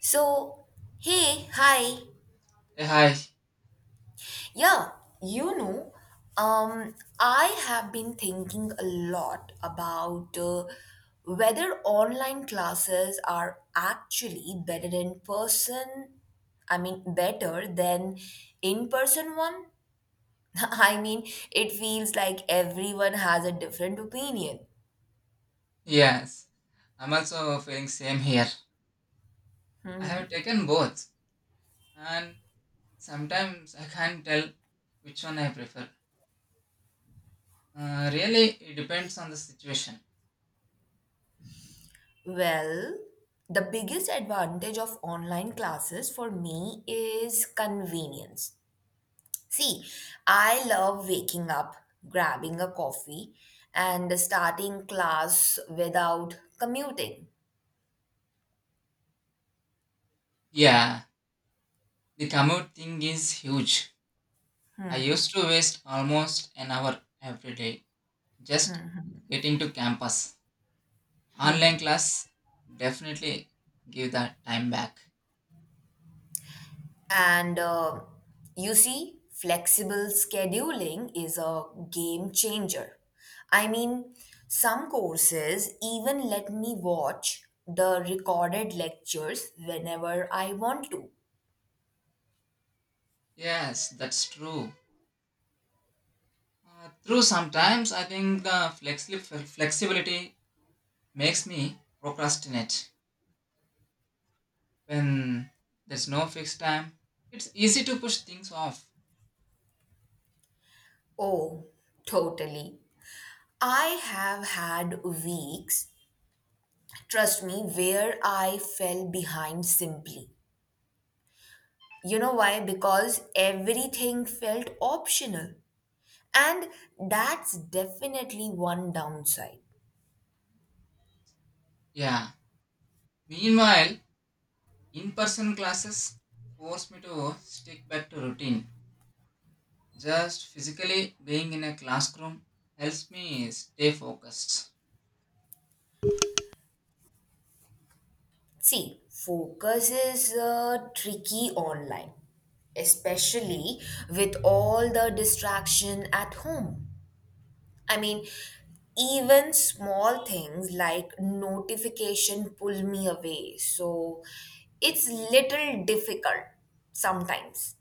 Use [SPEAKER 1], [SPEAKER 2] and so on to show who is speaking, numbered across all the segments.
[SPEAKER 1] So, hey, hi.
[SPEAKER 2] Hi,
[SPEAKER 1] Yeah, you know, I have been thinking a lot about whether online classes are actually better in person. I mean, better than in person one. I mean, it feels like everyone has a different opinion.
[SPEAKER 2] yes, I'm also feeling same here. I have taken both, and sometimes I can't tell which one I prefer. Really, it depends on the situation.
[SPEAKER 1] Well, the biggest advantage of online classes for me is convenience. See, I love waking up, grabbing a coffee, and starting class without commuting.
[SPEAKER 2] Yeah, the commute thing is huge. I used to waste almost an hour every day just getting to campus. Online class definitely give that time back.
[SPEAKER 1] And You see, flexible scheduling is a game changer. I mean, some courses even let me watch the recorded lectures whenever I want to.
[SPEAKER 2] Yes, that's true. True, sometimes I think the flexibility makes me procrastinate. When there's no fixed time, it's easy to push things off.
[SPEAKER 1] Oh, totally. I have had weeks, trust me, where I fell behind simply. You know why? Because everything felt optional. And that's definitely one downside.
[SPEAKER 2] Yeah. Meanwhile, in person classes force me to stick back to routine. Just physically being in a classroom helps me stay focused.
[SPEAKER 1] See, focus is tricky online, especially with all the distraction at home. I mean, even small things like notification pull me away. So it's little difficult sometimes.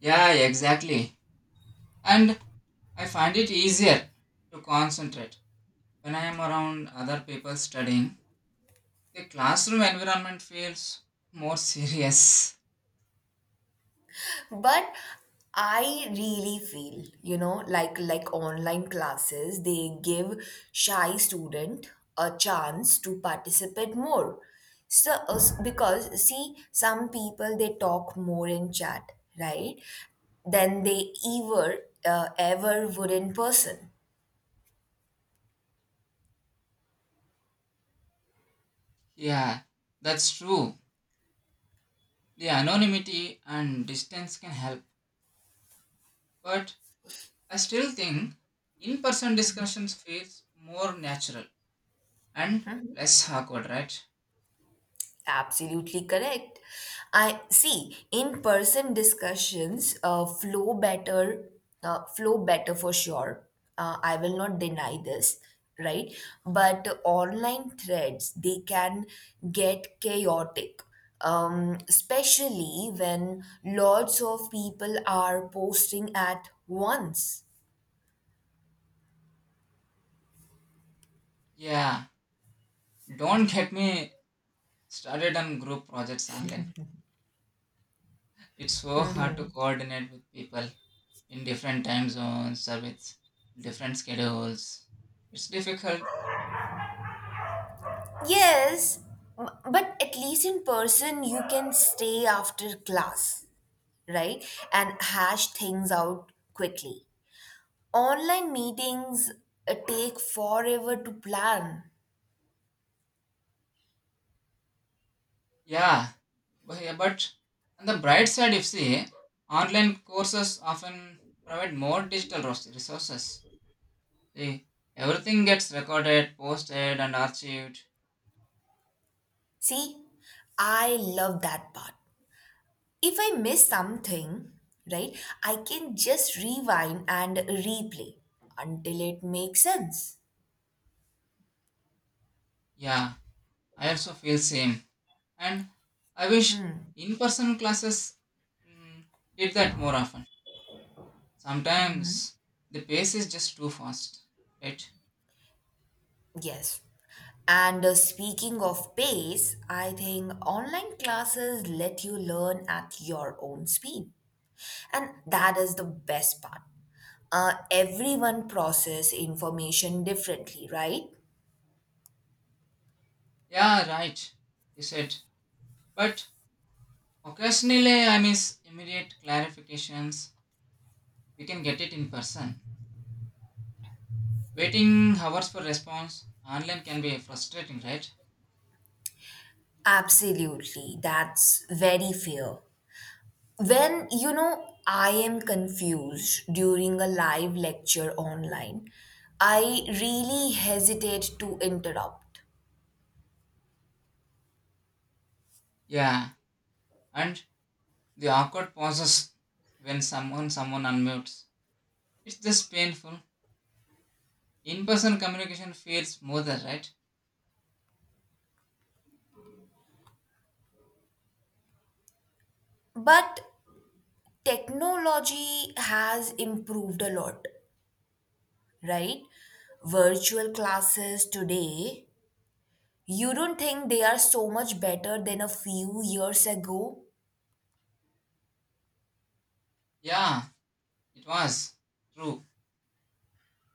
[SPEAKER 2] Yeah, exactly. And I find it easier to concentrate when I am around other people studying. The classroom environment feels more serious.
[SPEAKER 1] But I really feel like online classes they give shy student a chance to participate more. So because see some people they talk more in chat, right, than they ever ever would in person.
[SPEAKER 2] Yeah, that's true. The anonymity and distance can help, but I still think in person discussions feels more natural and less awkward, right?
[SPEAKER 1] Absolutely correct. I see in-person discussions flow better for sure. I will not deny this, right? But online threads, they can get chaotic, especially when lots of people are posting at once.
[SPEAKER 2] Yeah, don't get me started on group projects online. It's so hard to coordinate with people in different time zones or with different schedules. It's difficult,
[SPEAKER 1] Yes, but at least in person, you can stay after class, right? And hash things out quickly. Online meetings take forever to plan.
[SPEAKER 2] yeah. But, yeah, but on the bright side, if see, online courses often provide more digital resources. They, everything gets recorded, posted, and archived.
[SPEAKER 1] See, I love that part. If I miss something, right, I can just rewind and replay until it makes sense.
[SPEAKER 2] Yeah, I also feel same. And I wish in-person classes mm, did that more often. Sometimes the pace is just too fast, right?
[SPEAKER 1] Yes. And Speaking of pace, I think online classes let you learn at your own speed. And that is the best part. Everyone process information differently, right?
[SPEAKER 2] Yeah, right. You said. But occasionally I miss immediate clarifications. We can get it in person. Waiting hours for response online can be frustrating, right?
[SPEAKER 1] Absolutely, that's very fair. When you know I am confused during a live lecture online, I really hesitate to interrupt.
[SPEAKER 2] Yeah. And the awkward pauses when someone unmutes. It's just painful. In-person communication feels smoother, right?
[SPEAKER 1] But technology has improved a lot, right? Virtual classes today, you don't think they are so much better than a few years ago?
[SPEAKER 2] Yeah, it was. True.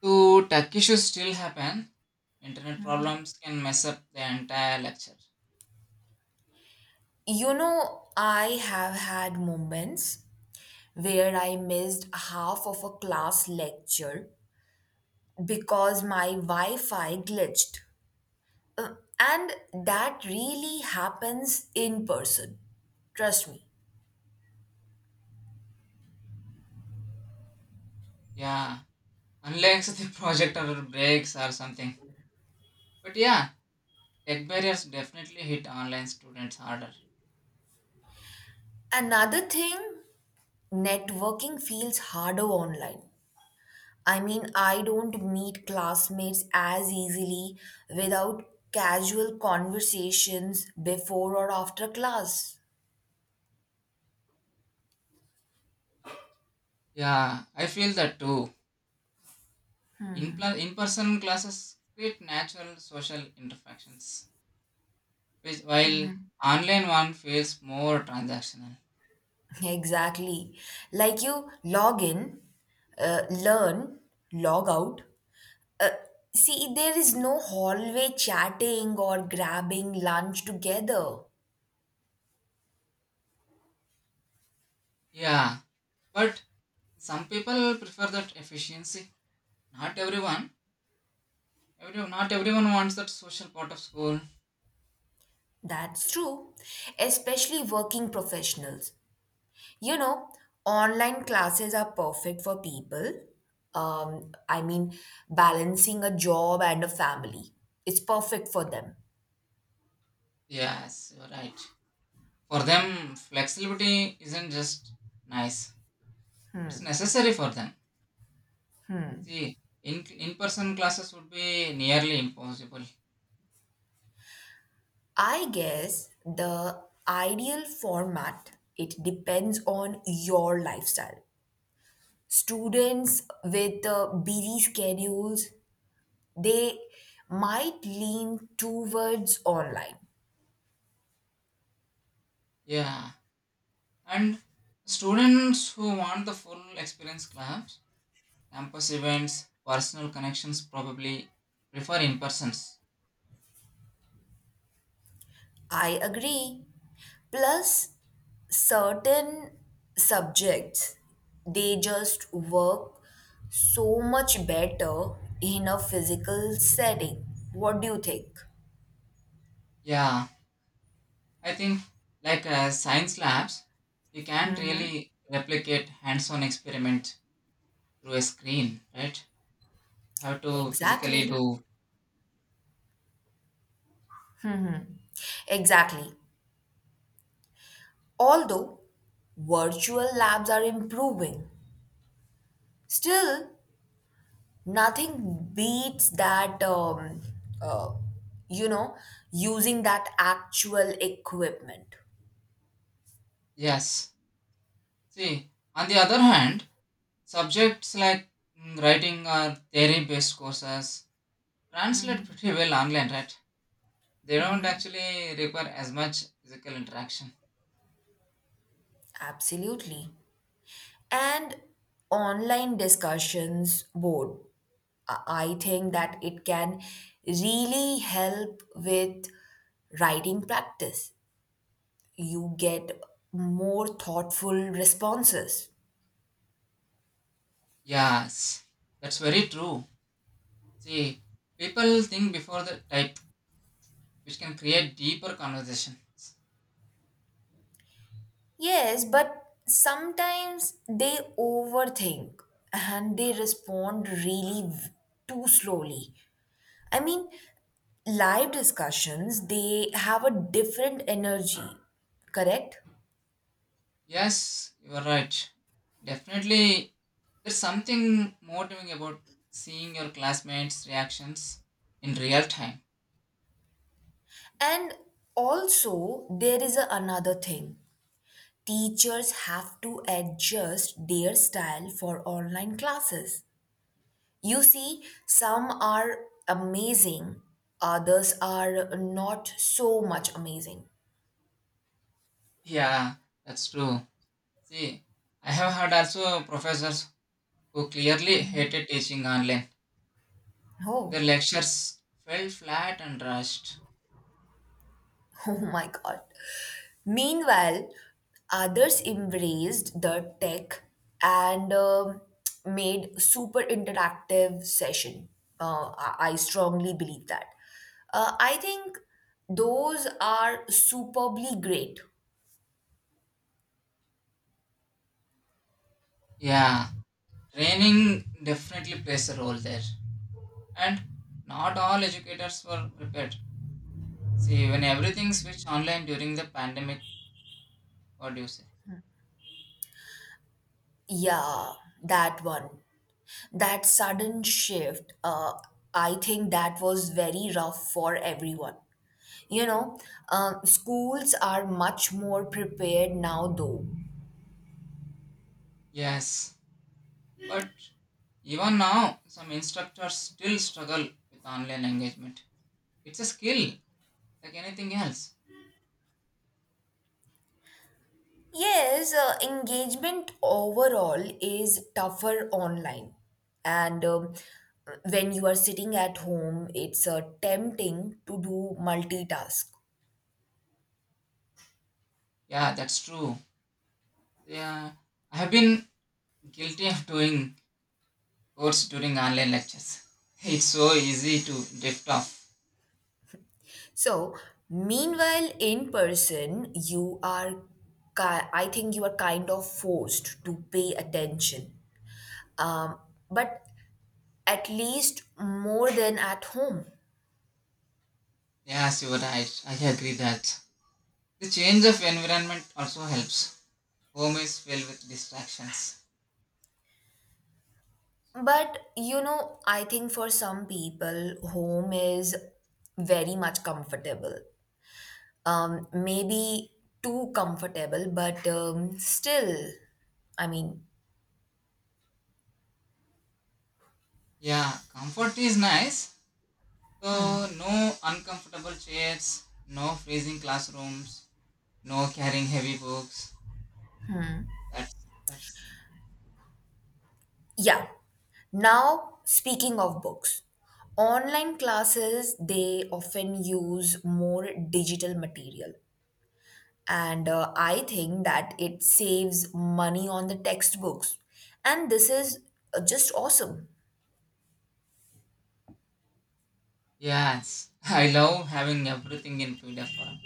[SPEAKER 2] So tech issues still happen. Internet problems can mess up the entire lecture.
[SPEAKER 1] You know, I have had moments where I missed half of a class lecture because my Wi Fi glitched. Uh, and that really happens in person. Trust me.
[SPEAKER 2] Yeah. Unless the projector breaks or something. But yeah, tech barriers definitely hit online students harder.
[SPEAKER 1] Another thing, networking feels harder online. I mean, I don't meet classmates as easily without casual conversations before or after class.
[SPEAKER 2] Yeah, I feel that too. In-person classes create natural social interactions, which while online one feels more transactional.
[SPEAKER 1] Exactly. Like you log in, learn, log out. See, there is no hallway chatting or grabbing lunch together.
[SPEAKER 2] Yeah, but some people prefer that efficiency. Not everyone. Not everyone wants that social part of school.
[SPEAKER 1] That's true, especially working professionals. You know, online classes are perfect for people. I mean, balancing a job and a family. It's perfect for them.
[SPEAKER 2] Yes, you're right. For them, flexibility isn't just nice. It's necessary for them. See, in in-person classes would be nearly impossible.
[SPEAKER 1] I guess the ideal format it depends on your lifestyle. Students with busy schedules, they might lean towards online.
[SPEAKER 2] Yeah, and students who want the full experience class, campus events, personal connections probably prefer in persons.
[SPEAKER 1] I agree. Plus, certain subjects, they just work so much better in a physical setting. What do you think?
[SPEAKER 2] Yeah, I think like science labs, you can't really replicate hands on experiment through a screen, right? You have to physically
[SPEAKER 1] Exactly.
[SPEAKER 2] do.
[SPEAKER 1] Exactly. Although virtual labs are improving, still nothing beats that, uh, you know, using that actual equipment.
[SPEAKER 2] Yes. See, on the other hand, subjects like writing or theory based courses translate pretty well online, right? They don't actually require as much physical interaction.
[SPEAKER 1] Absolutely. And online discussions board i I think that it can really help with writing practice. You get more thoughtful responses.
[SPEAKER 2] Yes, that's very true. See, people think before the type, which can create deeper conversations.
[SPEAKER 1] Yes, but sometimes they overthink and they respond too slowly. I mean, live discussions they have a different energy, correct?
[SPEAKER 2] Yes, you are right. Definitely, there's something motivating about seeing your classmates' reactions in real time.
[SPEAKER 1] And also, there is another thing. Teachers have to adjust their style for online classes. You see, some are amazing, others are not so much amazing.
[SPEAKER 2] Yeah, that's true. See, I have had also professors who clearly hated teaching online. Their
[SPEAKER 1] Oh.
[SPEAKER 2] lectures felt flat and rushed.
[SPEAKER 1] Oh my God. Meanwhile, others embraced the tech and made super interactive session. I strongly believe that. I think those are superbly great.
[SPEAKER 2] Yeah, training definitely plays a role there. And not all educators were prepared. See, when everything switched online during the pandemic, what do you say?
[SPEAKER 1] Yeah, that one. That sudden shift, I think that was very rough for everyone. You know, Schools are much more prepared now, though.
[SPEAKER 2] Yes, but even now, some instructors still struggle with online engagement. It's a skill, like anything else.
[SPEAKER 1] Yes, engagement overall is tougher online. And When you are sitting at home, it's tempting to do multitask.
[SPEAKER 2] Yeah, that's true. Yeah, I have been guilty of doing course during online lectures. It's so easy to drift off.
[SPEAKER 1] So, meanwhile, in person, you are, I think you are kind of forced to pay attention, um, but at least more than at home.
[SPEAKER 2] Yes, you are right. I agree that. The change of environment also helps. Home is filled with distractions.
[SPEAKER 1] But you know, I think for some people, home is very much comfortable. Maybe too comfortable, but still, I mean,
[SPEAKER 2] Yeah, comfort is nice, so no uncomfortable chairs, no freezing classrooms, no carrying heavy books. That's that's
[SPEAKER 1] yeah. Now, speaking of books, online classes they often use more digital material, and I think that it saves money on the textbooks, and this is just awesome.
[SPEAKER 2] yes. I love having everything in PDF form.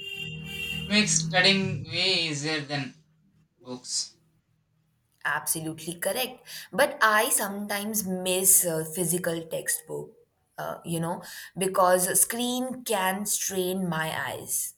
[SPEAKER 2] It makes studying way easier than books.
[SPEAKER 1] Absolutely correct. But I sometimes miss a physical textbook, you know, because a screen can strain my eyes.